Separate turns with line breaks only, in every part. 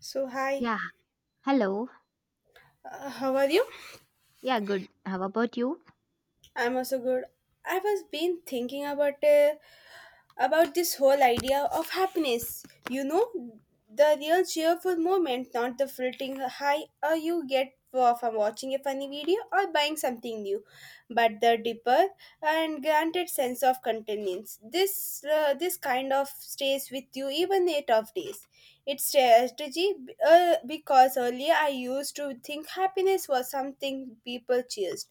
So, hi,
Yeah, hello.
how are you?
Yeah, good. How about you?
I'm also good. I was been thinking about this whole idea of happiness. You know, the real cheerful moment, not the fleeting high you get from watching a funny video or buying something new, but the deeper and granted sense of contentment. This kind of stays with you even a tough days. It's strategy because earlier I used to think happiness was something people cheered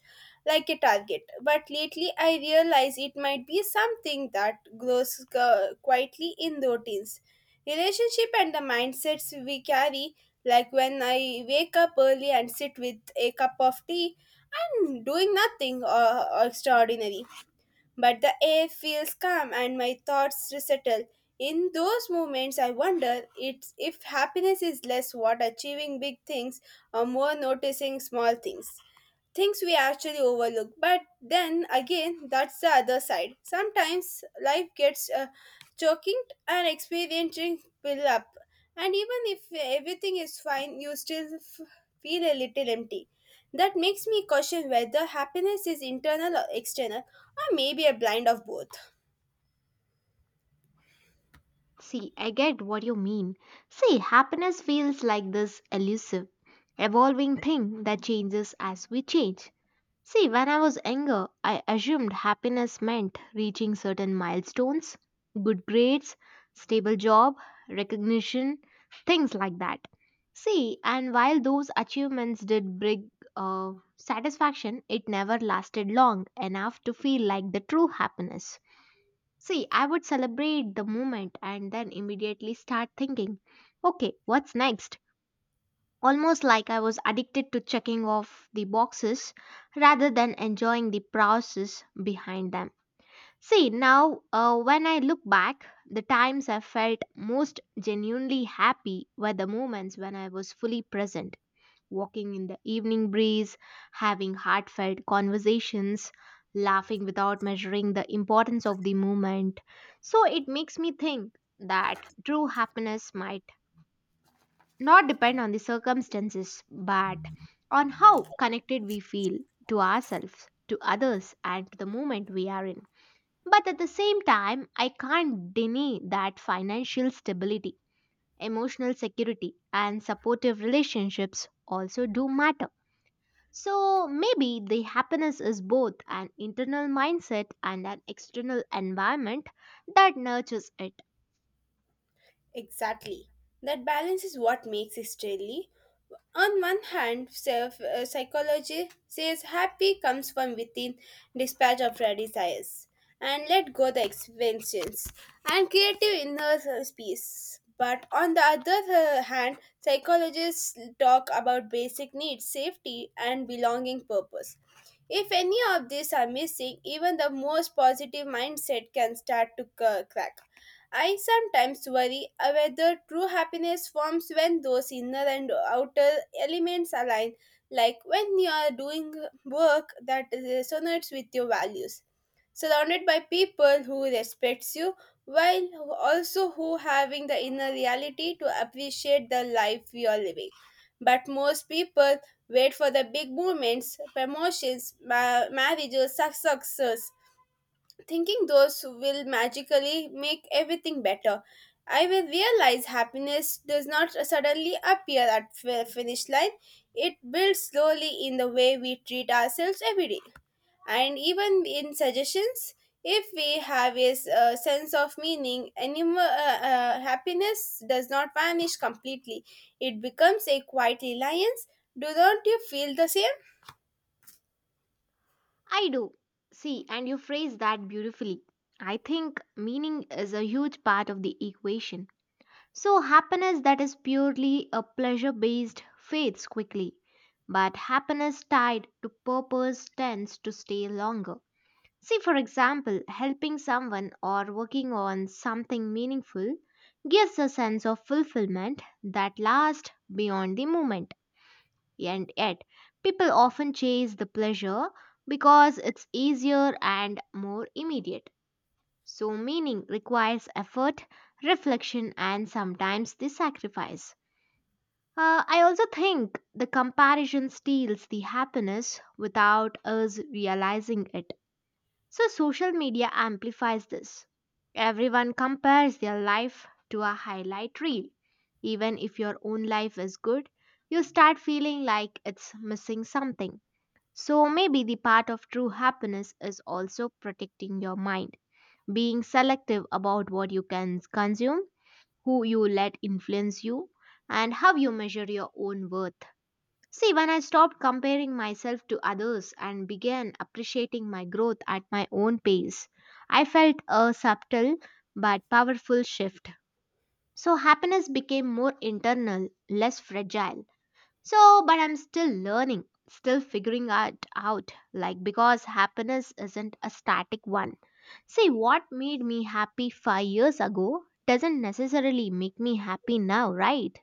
like a target. But lately, I realize it might be something that grows quietly in routines. Relationship and the mindsets we carry, like when I wake up early and sit with a cup of tea, I'm doing nothing extraordinary. But the air feels calm and my thoughts settle. In those moments, I wonder if happiness is less what achieving big things or more noticing small things we actually overlook. But then again, that's the other side. Sometimes life gets choking and experiencing fill up. And even if everything is fine, you still feel a little empty. That makes me question whether happiness is internal or external, or maybe a blind of both.
See, I get what you mean. See, happiness feels like this elusive, evolving thing that changes as we change. See, when I was younger, I assumed happiness meant reaching certain milestones, good grades, stable job, recognition, things like that. See, and while those achievements did bring satisfaction, it never lasted long enough to feel like the true happiness. See, I would celebrate the moment and then immediately start thinking, okay, what's next? Almost like I was addicted to checking off the boxes rather than enjoying the process behind them. See, now when I look back, the times I felt most genuinely happy were the moments when I was fully present walking in the evening breeze, having heartfelt conversations, laughing without measuring the importance of the moment. So it makes me think that true happiness might not depend on the circumstances but on how connected we feel to ourselves, to others, and to the moment we are in. But at the same time, I can't deny that financial stability, emotional security, and supportive relationships also do matter, so maybe the happiness is both an internal mindset and an external environment that nurtures it.
Exactly. That balance is what makes it deadly. On one hand, psychology says happy comes from within, dispatch of our desires, and let go the expansions and creative inner peace. But on the other hand, psychologists talk about basic needs, safety, and belonging purpose. If any of these are missing, even the most positive mindset can start to crack. I sometimes worry whether true happiness forms when those inner and outer elements align, like when you are doing work that resonates with your values, surrounded by people who respects you, while also who having the inner reality to appreciate the life you are living. But most people wait for the big moments, promotions, marriages, success, thinking those will magically make everything better. I will realize happiness does not suddenly appear at finish line. It builds slowly in the way we treat ourselves every day. And even in suggestions, if we have a sense of meaning, happiness does not vanish completely. It becomes a quiet reliance. Do not you feel the same?
I do. See, and you phrase that beautifully. I think meaning is a huge part of the equation. So happiness that is purely a pleasure based fades quickly. But happiness tied to purpose tends to stay longer. See, for example, helping someone or working on something meaningful gives a sense of fulfillment that lasts beyond the moment. And yet, people often chase the pleasure because it's easier and more immediate. So, meaning requires effort, reflection, and sometimes the sacrifice. I also think the comparison steals the happiness without us realizing it, so social media amplifies this. Everyone compares their life to a highlight reel. Even if your own life is good, you start feeling like it's missing something. So maybe the part of true happiness is also protecting your mind, being selective about what you can consume, who you let influence you, and how you measure your own worth. See, when I stopped comparing myself to others and began appreciating my growth at my own pace, I felt a subtle but powerful shift. So, happiness became more internal, less fragile. So, but I'm still learning, still figuring it out, like because happiness isn't a static one. See, what made me happy 5 years ago doesn't necessarily make me happy now, right?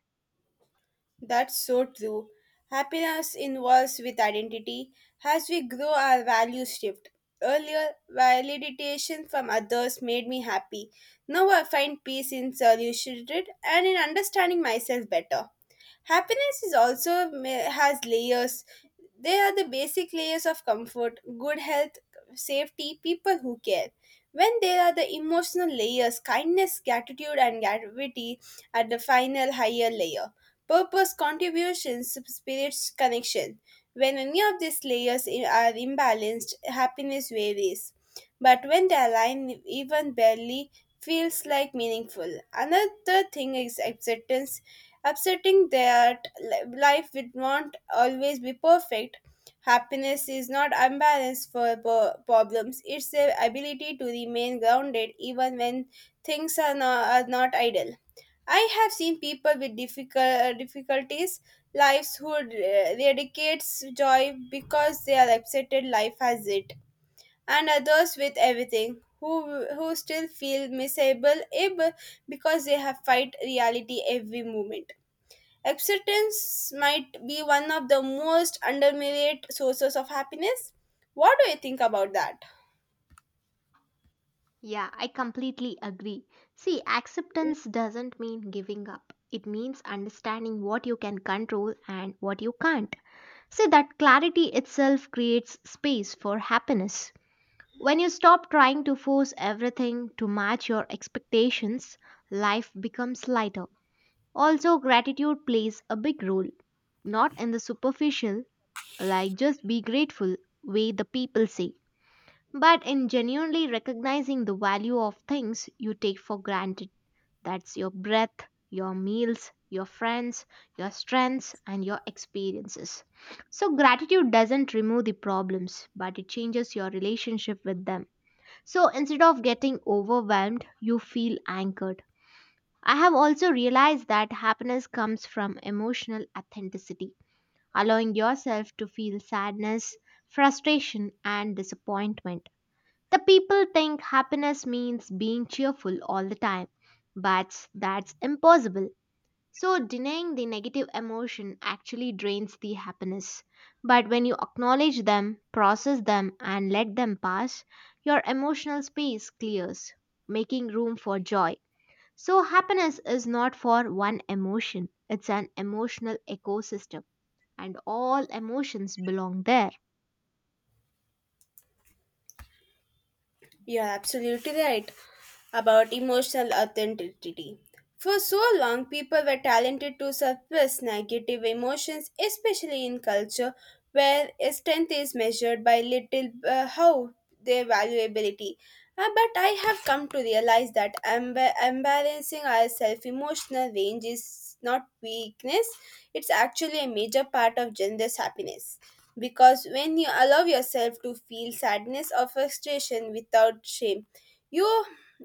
That's so true. Happiness involves with identity. As we grow, our values shift. Earlier, validation from others made me happy. Now I find peace in solitude and in understanding myself better. Happiness is also has layers. They are the basic layers of comfort, good health, safety, people who care. When there are the emotional layers, kindness, gratitude, and gravity at the final higher layer. Purpose, contributions, spirit's connection. When any of these layers are imbalanced, happiness varies. But when they align even barely, feels like meaningful. Another thing is acceptance upsetting that life will not always be perfect. Happiness is not imbalance for problems, it's the ability to remain grounded even when things are not ideal. I have seen people with difficulties, lives who radicates joy because they are upsetted life has it, and others with everything who still feel miserable because they have fight reality every moment. Acceptance might be one of the most underrated sources of happiness. What do you think about that?
Yeah, I completely agree. See, acceptance doesn't mean giving up. It means understanding what you can control and what you can't. See, that clarity itself creates space for happiness. When you stop trying to force everything to match your expectations, life becomes lighter. Also, gratitude plays a big role, not in the superficial, like just be grateful way the people say, but in genuinely recognizing the value of things you take for granted. That's your breath, your meals, your friends, your strengths, and your experiences. So, gratitude doesn't remove the problems, but it changes your relationship with them. So, instead of getting overwhelmed, you feel anchored. I have also realized that happiness comes from emotional authenticity, allowing yourself to feel sadness, frustration, and disappointment. The people think happiness means being cheerful all the time, but that's impossible. So, denying the negative emotion actually drains the happiness. But when you acknowledge them, process them, and let them pass, your emotional space clears, making room for joy. So, happiness is not for one emotion, it's an emotional ecosystem, and all emotions belong there.
You're absolutely right about emotional authenticity. For so long, people were talented to suppress negative emotions, especially in culture where strength is measured by little how their valuability. But I have come to realize that embarrassing ourselves emotional range is not weakness; it's actually a major part of gender's happiness. Because when you allow yourself to feel sadness or frustration without shame, you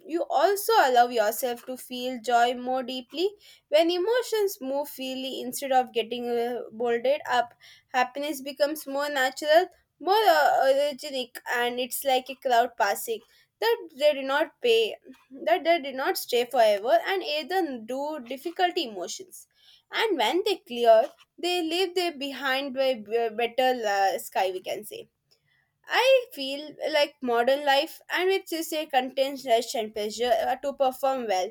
you also allow yourself to feel joy more deeply when emotions move freely instead of getting bolted up, happiness becomes more natural, more originic, and it's like a cloud passing that they do not pay that they do not stay forever, and either do difficult emotions, and when they clear they leave them behind by better sky, we can say. I feel like modern life, and which is a contains rush and pressure to perform well,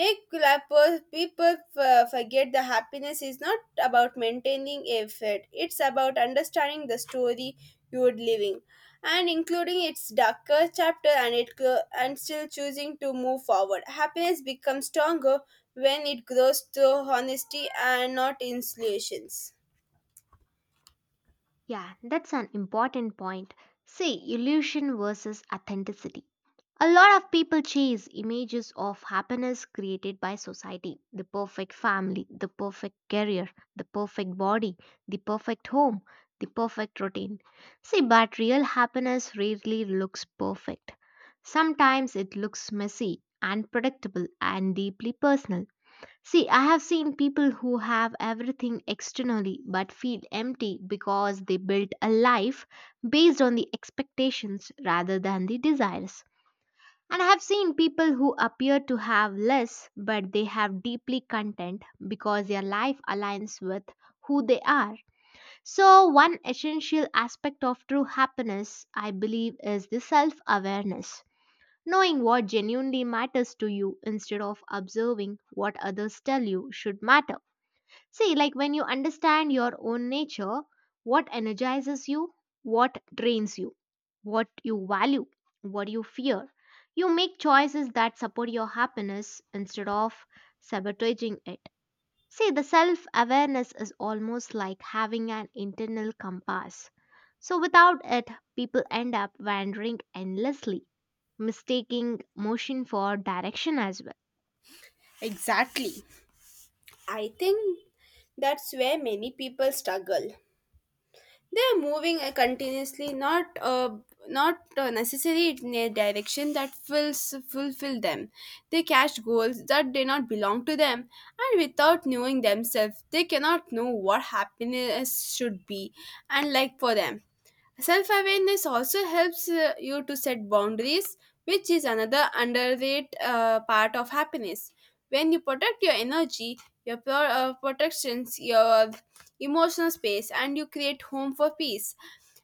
make clappers people forget the happiness is not about maintaining a fit, it's about understanding the story you're living and including its darker chapter, and and still choosing to move forward. Happiness becomes stronger when it grows through honesty and not in solutions.
Yeah, that's an important point. See, illusion versus authenticity. A lot of people chase images of happiness created by society, the perfect family, the perfect career, the perfect body, the perfect home, the perfect routine. See, but real happiness rarely looks perfect. Sometimes it looks messy, unpredictable, and deeply personal. See, I have seen people who have everything externally but feel empty because they built a life based on the expectations rather than the desires. And I have seen people who appear to have less but they have deeply content because their life aligns with who they are. So, one essential aspect of true happiness, I believe, is the self awareness. Knowing what genuinely matters to you instead of observing what others tell you should matter. See, like when you understand your own nature, what energizes you, what drains you, what you value, what you fear, you make choices that support your happiness instead of sabotaging it. See, the self awareness is almost like having an internal compass. So, without it, people end up wandering endlessly, mistaking motion for direction as well.
Exactly. I think that's where many people struggle. They are moving continuously, not not necessarily in a direction that fills fulfill them. They catch goals that do not belong to them, and without knowing themselves, they cannot know what happiness should be and like for them. Self awareness also helps you to set boundaries, which is another underrated part of happiness. When you protect your energy, protections, your emotional space, and you create home for peace.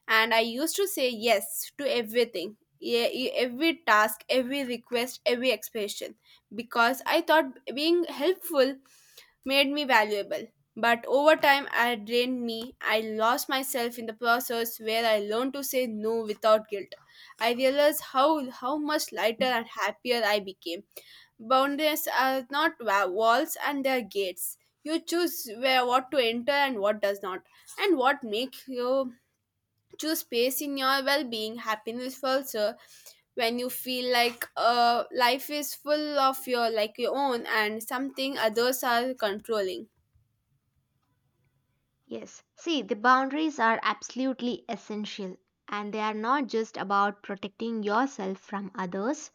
And I used to say yes to everything. Yeah, every task, every request, every expression, because I thought being helpful made me valuable. But over time, I drained me. I lost myself in the process where I learned to say no without guilt. I realized how much lighter and happier I became. Boundaries are not walls, and they are gates. You choose where what to enter and what does not, and what make you choose space in your well-being. Happiness also when you feel like life is full of your like your own and something others are controlling.
Yes. See, the boundaries are absolutely essential and they are not just about protecting yourself from others,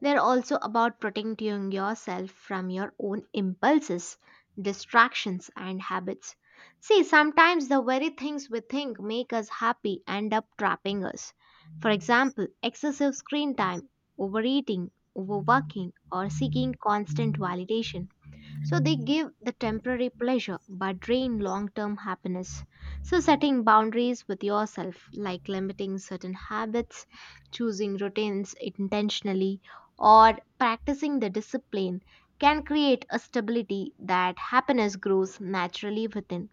they're also about protecting yourself from your own impulses, distractions, and habits. See, sometimes the very things we think make us happy end up trapping us. For example, excessive screen time, overeating, overworking, or seeking constant validation. So they give the temporary pleasure but drain long term happiness. So setting boundaries with yourself, like limiting certain habits, choosing routines intentionally, or practicing the discipline, can create a stability that happiness grows naturally within.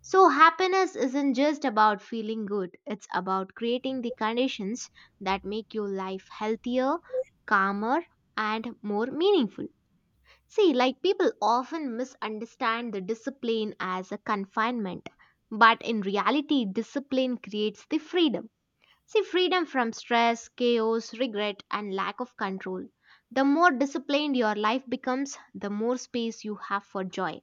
So, happiness isn't just about feeling good, it's about creating the conditions that make your life healthier, calmer, and more meaningful. See, like people often misunderstand the discipline as a confinement, but in reality, discipline creates the freedom. See, freedom from stress, chaos, regret, and lack of control. The more disciplined your life becomes, the more space you have for joy.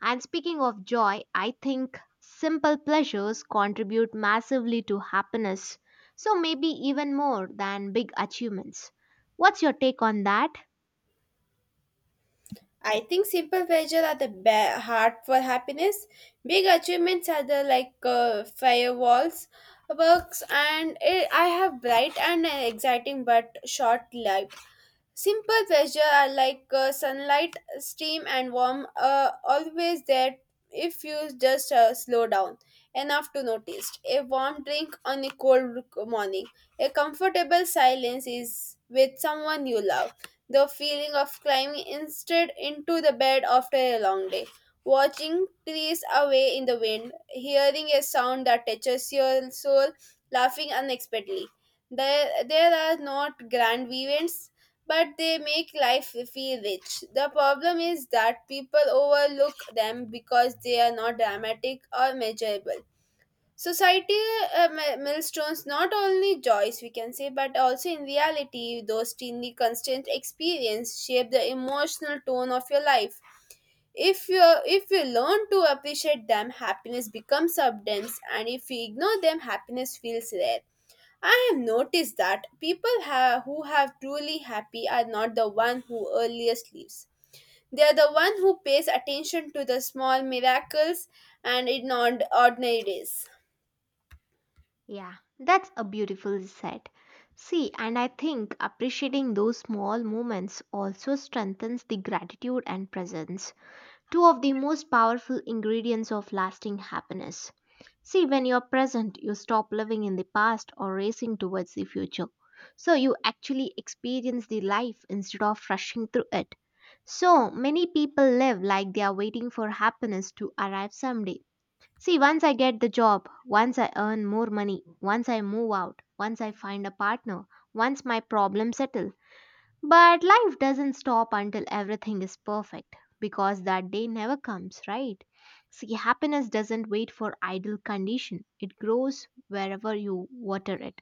And speaking of joy, I think simple pleasures contribute massively to happiness, so maybe even more than big achievements. What's your take on that?
I think simple pleasure are the heart for happiness. Big achievements are the like firewalls, works, and eh, I have bright and exciting but short life. Simple pleasure are like sunlight, steam, and warm, always there if you just slow down enough to notice. A warm drink on a cold morning, a comfortable silence is with someone you love, the feeling of climbing instead into the bed after a long day, watching trees away in the wind, hearing a sound that touches your soul, laughing unexpectedly. There are not grand events but they make life feel rich. The problem is that people overlook them because they are not dramatic or measurable. Society mi- milestones not only joys, we can say, but also in reality, those teeny constant experience shape the emotional tone of your life. If you learn to appreciate them, happiness becomes abundance, and if you ignore them, happiness feels rare. I have noticed that people who have truly happy are not the one who earliest leaves. They are the one who pays attention to the small miracles and in ordinary days.
Yeah, that's a beautiful set. See, and I think appreciating those small moments also strengthens the gratitude and presence, two of the most powerful ingredients of lasting happiness. See, when you're present, you stop living in the past or racing towards the future. So you actually experience the life instead of rushing through it. So many people live like they are waiting for happiness to arrive someday. See, once I get the job, once I earn more money, once I move out, once I find a partner, once my problems settle. But life doesn't stop until everything is perfect because that day never comes, right? See, happiness doesn't wait for ideal condition. It grows wherever you water it,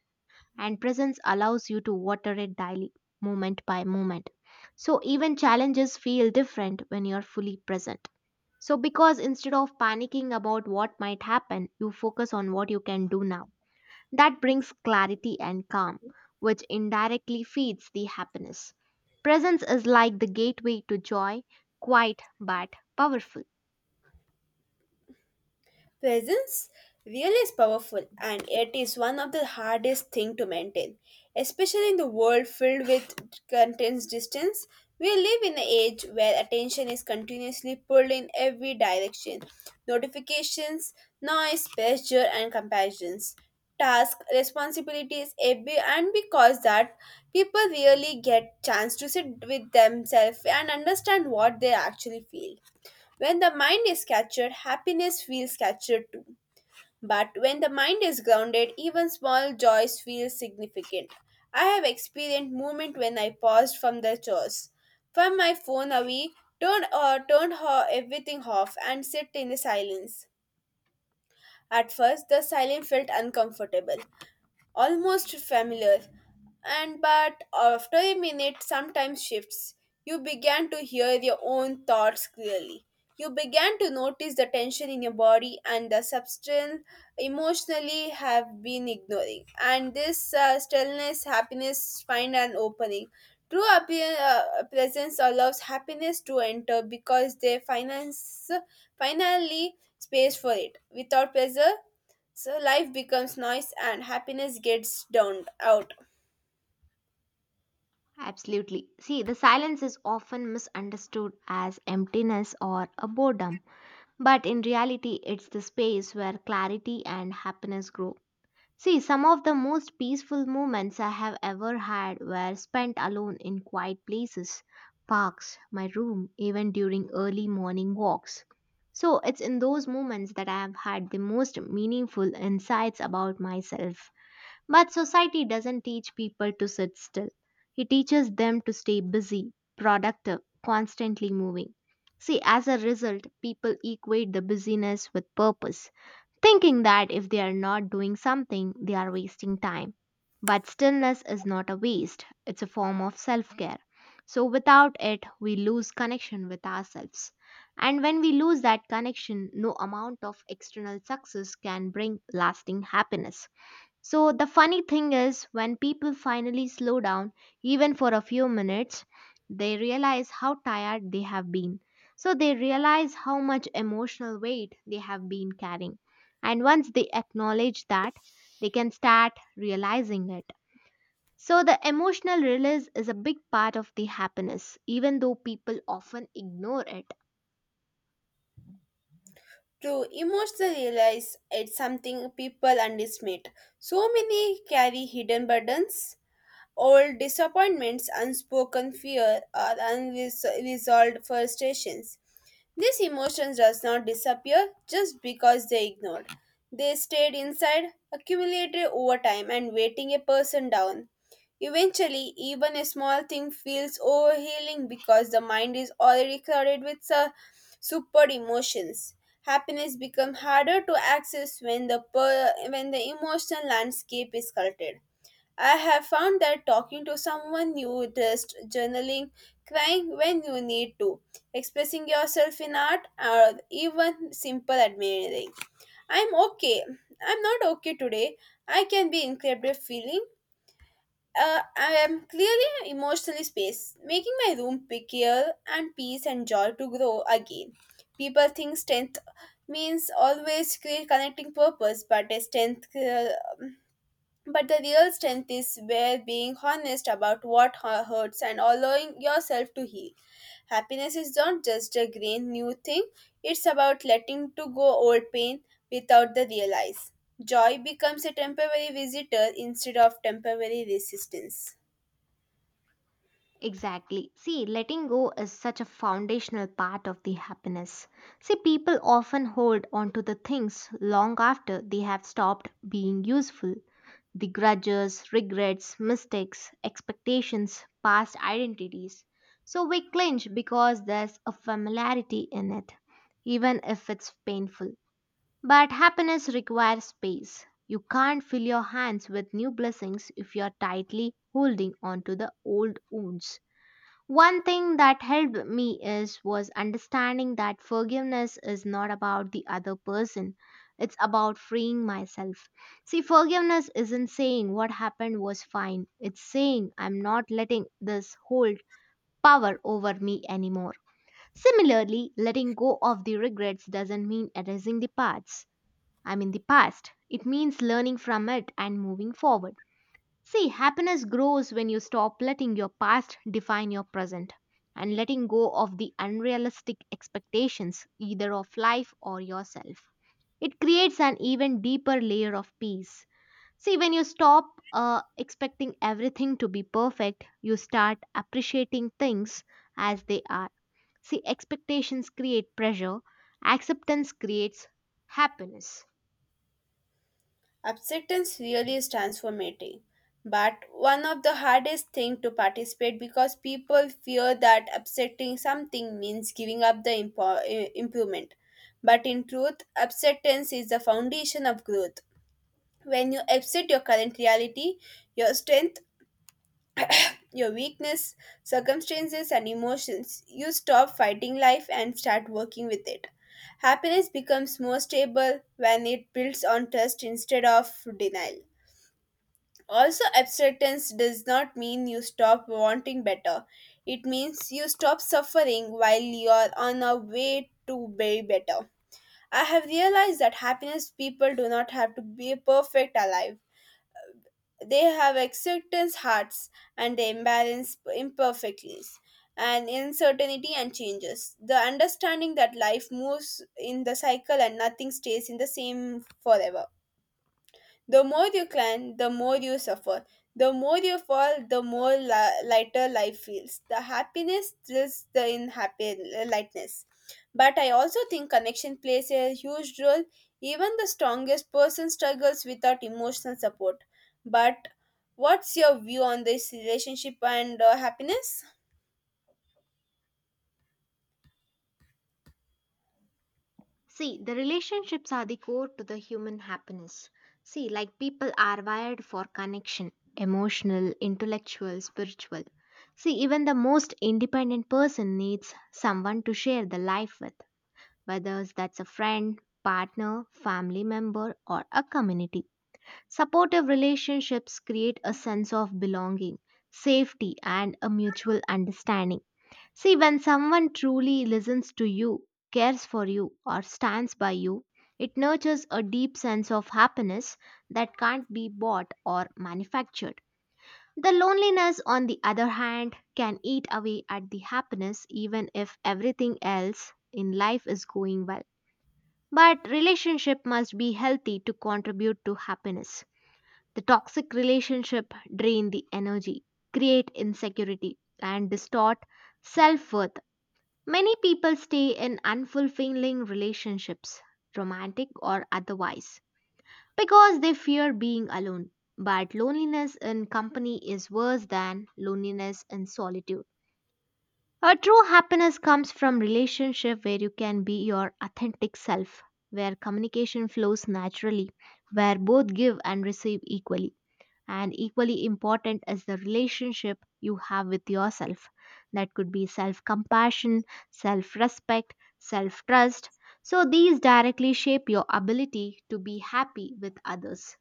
and presence allows you to water it daily, moment by moment. So even challenges feel different when you're fully present. So, because instead of panicking about what might happen, you focus on what you can do now. That brings clarity and calm, which indirectly feeds the happiness. Presence is like the gateway to joy, quiet but powerful.
Presence really is powerful, and it is one of the hardest thing to maintain, especially in the world filled with contents distance. We live in an age where attention is continuously pulled in every direction. Notifications, noise, pressure and comparisons, task, responsibilities, every and because that people really get chance to sit with themselves and understand what they actually feel. When the mind is captured, happiness feels captured too. But when the mind is grounded, even small joys feel significant. I have experienced moments when I paused from the chores, from my phone away, turned everything off, and sit in silence. At first, the silence felt uncomfortable, almost familiar, and but after a minute, sometimes shifts. You began to hear your own thoughts clearly. You began to notice the tension in your body and the substance emotionally have been ignoring. And this stillness, happiness find an opening. Presence allows happiness to enter because they finance finally space for it without pressure, so life becomes noise and happiness gets downed out.
Absolutely. See, the silence is often misunderstood as emptiness or a boredom, but in reality, it's the space where clarity and happiness grow. See, some of the most peaceful moments I have ever had were spent alone in quiet places, parks, my room, even during early morning walks. So, it's in those moments that I have had the most meaningful insights about myself. But society doesn't teach people to sit still. It teaches them to stay busy, productive, constantly moving. See, as a result, people equate the busyness with purpose, thinking that if they are not doing something, they are wasting time. But stillness is not a waste, it's a form of self care. So, without it, we lose connection with ourselves. And when we lose that connection, no amount of external success can bring lasting happiness. So the funny thing is, when people finally slow down, even for a few minutes, they realize how tired they have been. So they realize how much emotional weight they have been carrying. And once they acknowledge that, they can start realizing it. So the emotional release is a big part of the happiness, even though people often ignore it.
To emotionally realize it's something people underestimate. So many carry hidden burdens, old disappointments, unspoken fear, or unresolved frustrations. These emotions does not disappear just because they ignored. They stayed inside, accumulated over time and weighting a person down. Eventually, even a small thing feels overhealing because the mind is already crowded with super emotions. Happiness becomes harder to access when when the emotional landscape is cluttered. I have found that talking to someone new, just journaling, crying when you need to, expressing yourself in art, or even simple admiring. I'm okay. I'm not okay today. I can be incredibly feeling. I am clearly emotionally space, making my room pickier and peace and joy to grow again. People think strength means always create connecting purpose, but a strength but the real strength is where being honest about what hurts and allowing yourself to heal. Happiness is not just a green new thing, it's about letting to go old pain without the realize. Joy becomes a temporary visitor instead of temporary resistance.
Exactly. See, letting go is such a foundational part of the happiness. See, people often hold onto the things long after they have stopped being useful. The grudges, regrets, mistakes, expectations, past identities. So we clinch because there's a familiarity in it, even if it's painful. But happiness requires space. You can't fill your hands with new blessings if you're tightly holding onto the old wounds. One thing that helped me is was understanding that forgiveness is not about the other person. It's about freeing myself. See, forgiveness isn't saying what happened was fine. It's saying I'm not letting this hold power over me anymore. Similarly, letting go of the regrets doesn't mean erasing the past. I mean the past. It means learning from it and moving forward. See, happiness grows when you stop letting your past define your present and letting go of the unrealistic expectations either of life or yourself. It creates an even deeper layer of peace. See, when you stop expecting everything to be perfect, you start appreciating things as they are. See, expectations create pressure, acceptance creates happiness.
Acceptance really is transformative, but one of the hardest thing to participate because people fear that accepting something means giving up the improvement. But in truth, acceptance is the foundation of growth. When you accept your current reality, your strength, your weakness, circumstances, and emotions, you stop fighting life and start working with it. Happiness becomes more stable when it builds on trust instead of denial. Also, abstinence does not mean you stop wanting better. It means you stop suffering while you are on a way to be better. I have realized that happiness people do not have to be perfect alive. They have acceptance hearts and they embrace imperfectness and uncertainty and changes. The understanding that life moves in the cycle and nothing stays in the same forever. The more you climb, the more you suffer. The more you fall, the more lighter life feels. The happiness thrills the in happy lightness. But I also think connection plays a huge role. Even the strongest person struggles without emotional support. But what's your view on this relationship and happiness?
See, the relationships are the core to the human happiness. See, like people are wired for connection, emotional, intellectual, spiritual. See, even the most independent person needs someone to share the life with, whether that's a friend, partner, family member, or a community. Supportive relationships create a sense of belonging, safety, and a mutual understanding. See, when someone truly listens to you, cares for you, or stands by you, it nurtures a deep sense of happiness that can't be bought or manufactured. The loneliness, on the other hand, can eat away at the happiness even if everything else in life is going well. But relationship must be healthy to contribute to happiness. The toxic relationship drain the energy, create insecurity, and distort self-worth. Many people stay in unfulfilling relationships, romantic or otherwise, because they fear being alone. But loneliness in company is worse than loneliness in solitude. A true happiness comes from relationship where you can be your authentic self, where communication flows naturally, where both give and receive equally. And equally important is the relationship you have with yourself. That could be self compassion, self respect, self trust. So these directly shape your ability to be happy with others.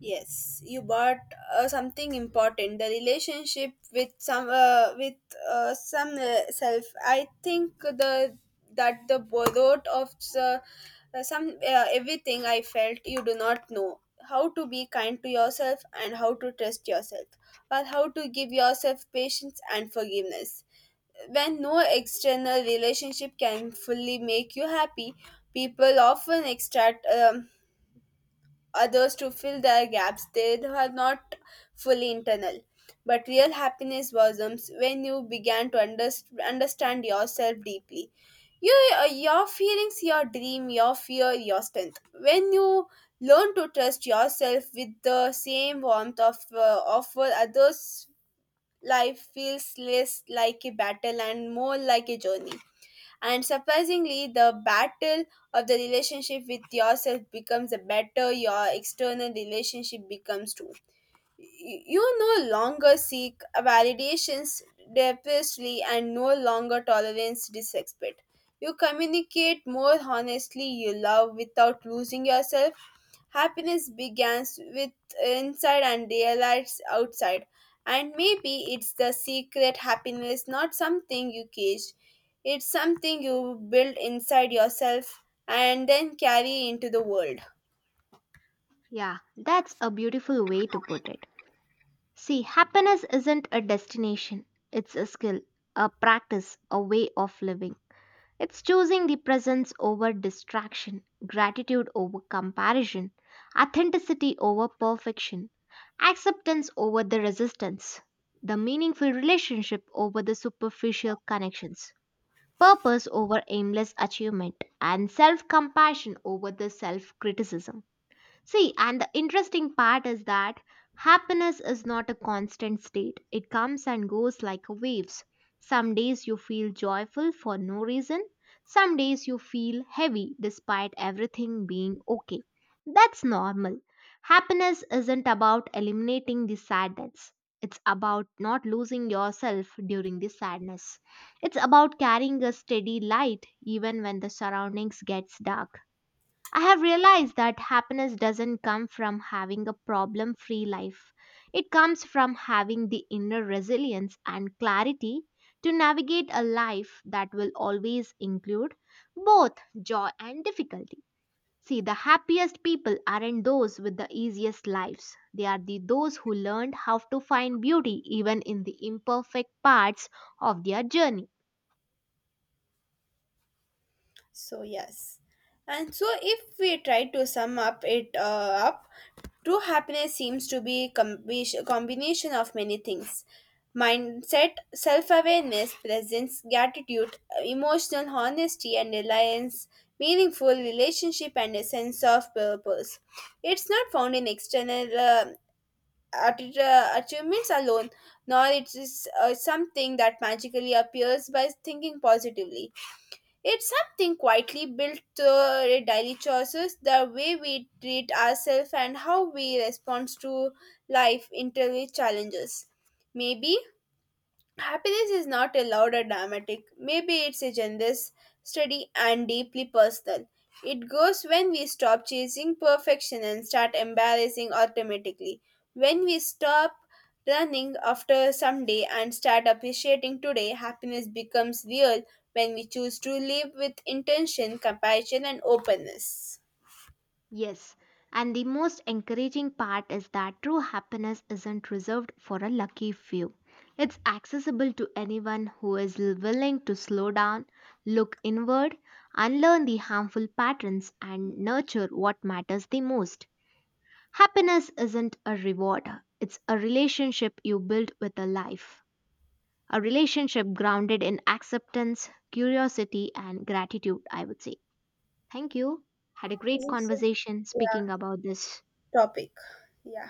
Yes, you bought something important. The relationship with some self. I think the that the borrowed of the, some everything I felt you do not know how to be kind to yourself and how to trust yourself or how to give yourself patience and forgiveness. When no external relationship can fully make you happy, people often extract others to fill their gaps they are not fully internal. But real happiness blossoms when you began to understand yourself deeply. Your feelings, your dream, your fear, your strength. When you learn to trust yourself with the same warmth of offer others, life feels less like a battle and more like a journey. And surprisingly, the battle of the relationship with yourself becomes a better your external relationship becomes too. You no longer seek validations depthly and no longer tolerance disrespect. You communicate more honestly, you love without losing yourself. Happiness begins with inside and realized outside. And maybe it's the secret happiness, not something you cage. It's something you build inside yourself and then carry into the world.
Yeah, that's a beautiful way to put it. See, happiness isn't a destination, it's a skill, a practice, a way of living. It's choosing the presence over distraction, gratitude over comparison, authenticity over perfection, acceptance over the resistance, the meaningful relationship over the superficial connections, purpose over aimless achievement, and self compassion over the self criticism. See, and the interesting part is that happiness is not a constant state. It comes and goes like waves. Some days you feel joyful for no reason. Some days you feel heavy despite everything being okay. That's normal. Happiness isn't about eliminating the sadness. It's about not losing yourself during the sadness. It's about carrying a steady light even when the surroundings gets dark. I have realized that happiness doesn't come from having a problem free life. It comes from having the inner resilience and clarity to navigate a life that will always include both joy and difficulty. See, the happiest people aren't those with the easiest lives. They are the those who learned how to find beauty even in the imperfect parts of their journey.
So yes. And so if we try to sum up it up, true happiness seems to be combination of many things. Mindset, self-awareness, presence, gratitude, emotional honesty and reliance, meaningful relationship and a sense of purpose. It's not found in external achievements alone, nor it is something that magically appears by thinking positively. It's something quietly built through daily choices, the way we treat ourselves and how we respond to life interview challenges. Maybe happiness is not allowed or dramatic. Maybe it's a generous, steady, and deeply personal. It goes when we stop chasing perfection and start embracing automatically. When we stop running after someday and start appreciating today, happiness becomes real when we choose to live with intention, compassion, and openness.
Yes, and the most encouraging part is that true happiness isn't reserved for a lucky few. It's accessible to anyone who is willing to slow down, look inward, unlearn the harmful patterns, and nurture what matters the most. Happiness isn't a reward, it's a relationship you build with a life. A relationship grounded in acceptance, curiosity, and gratitude, I would say. Thank you. Had a great
Thank you.
conversation
Yeah,
speaking about this.
topic. Yeah.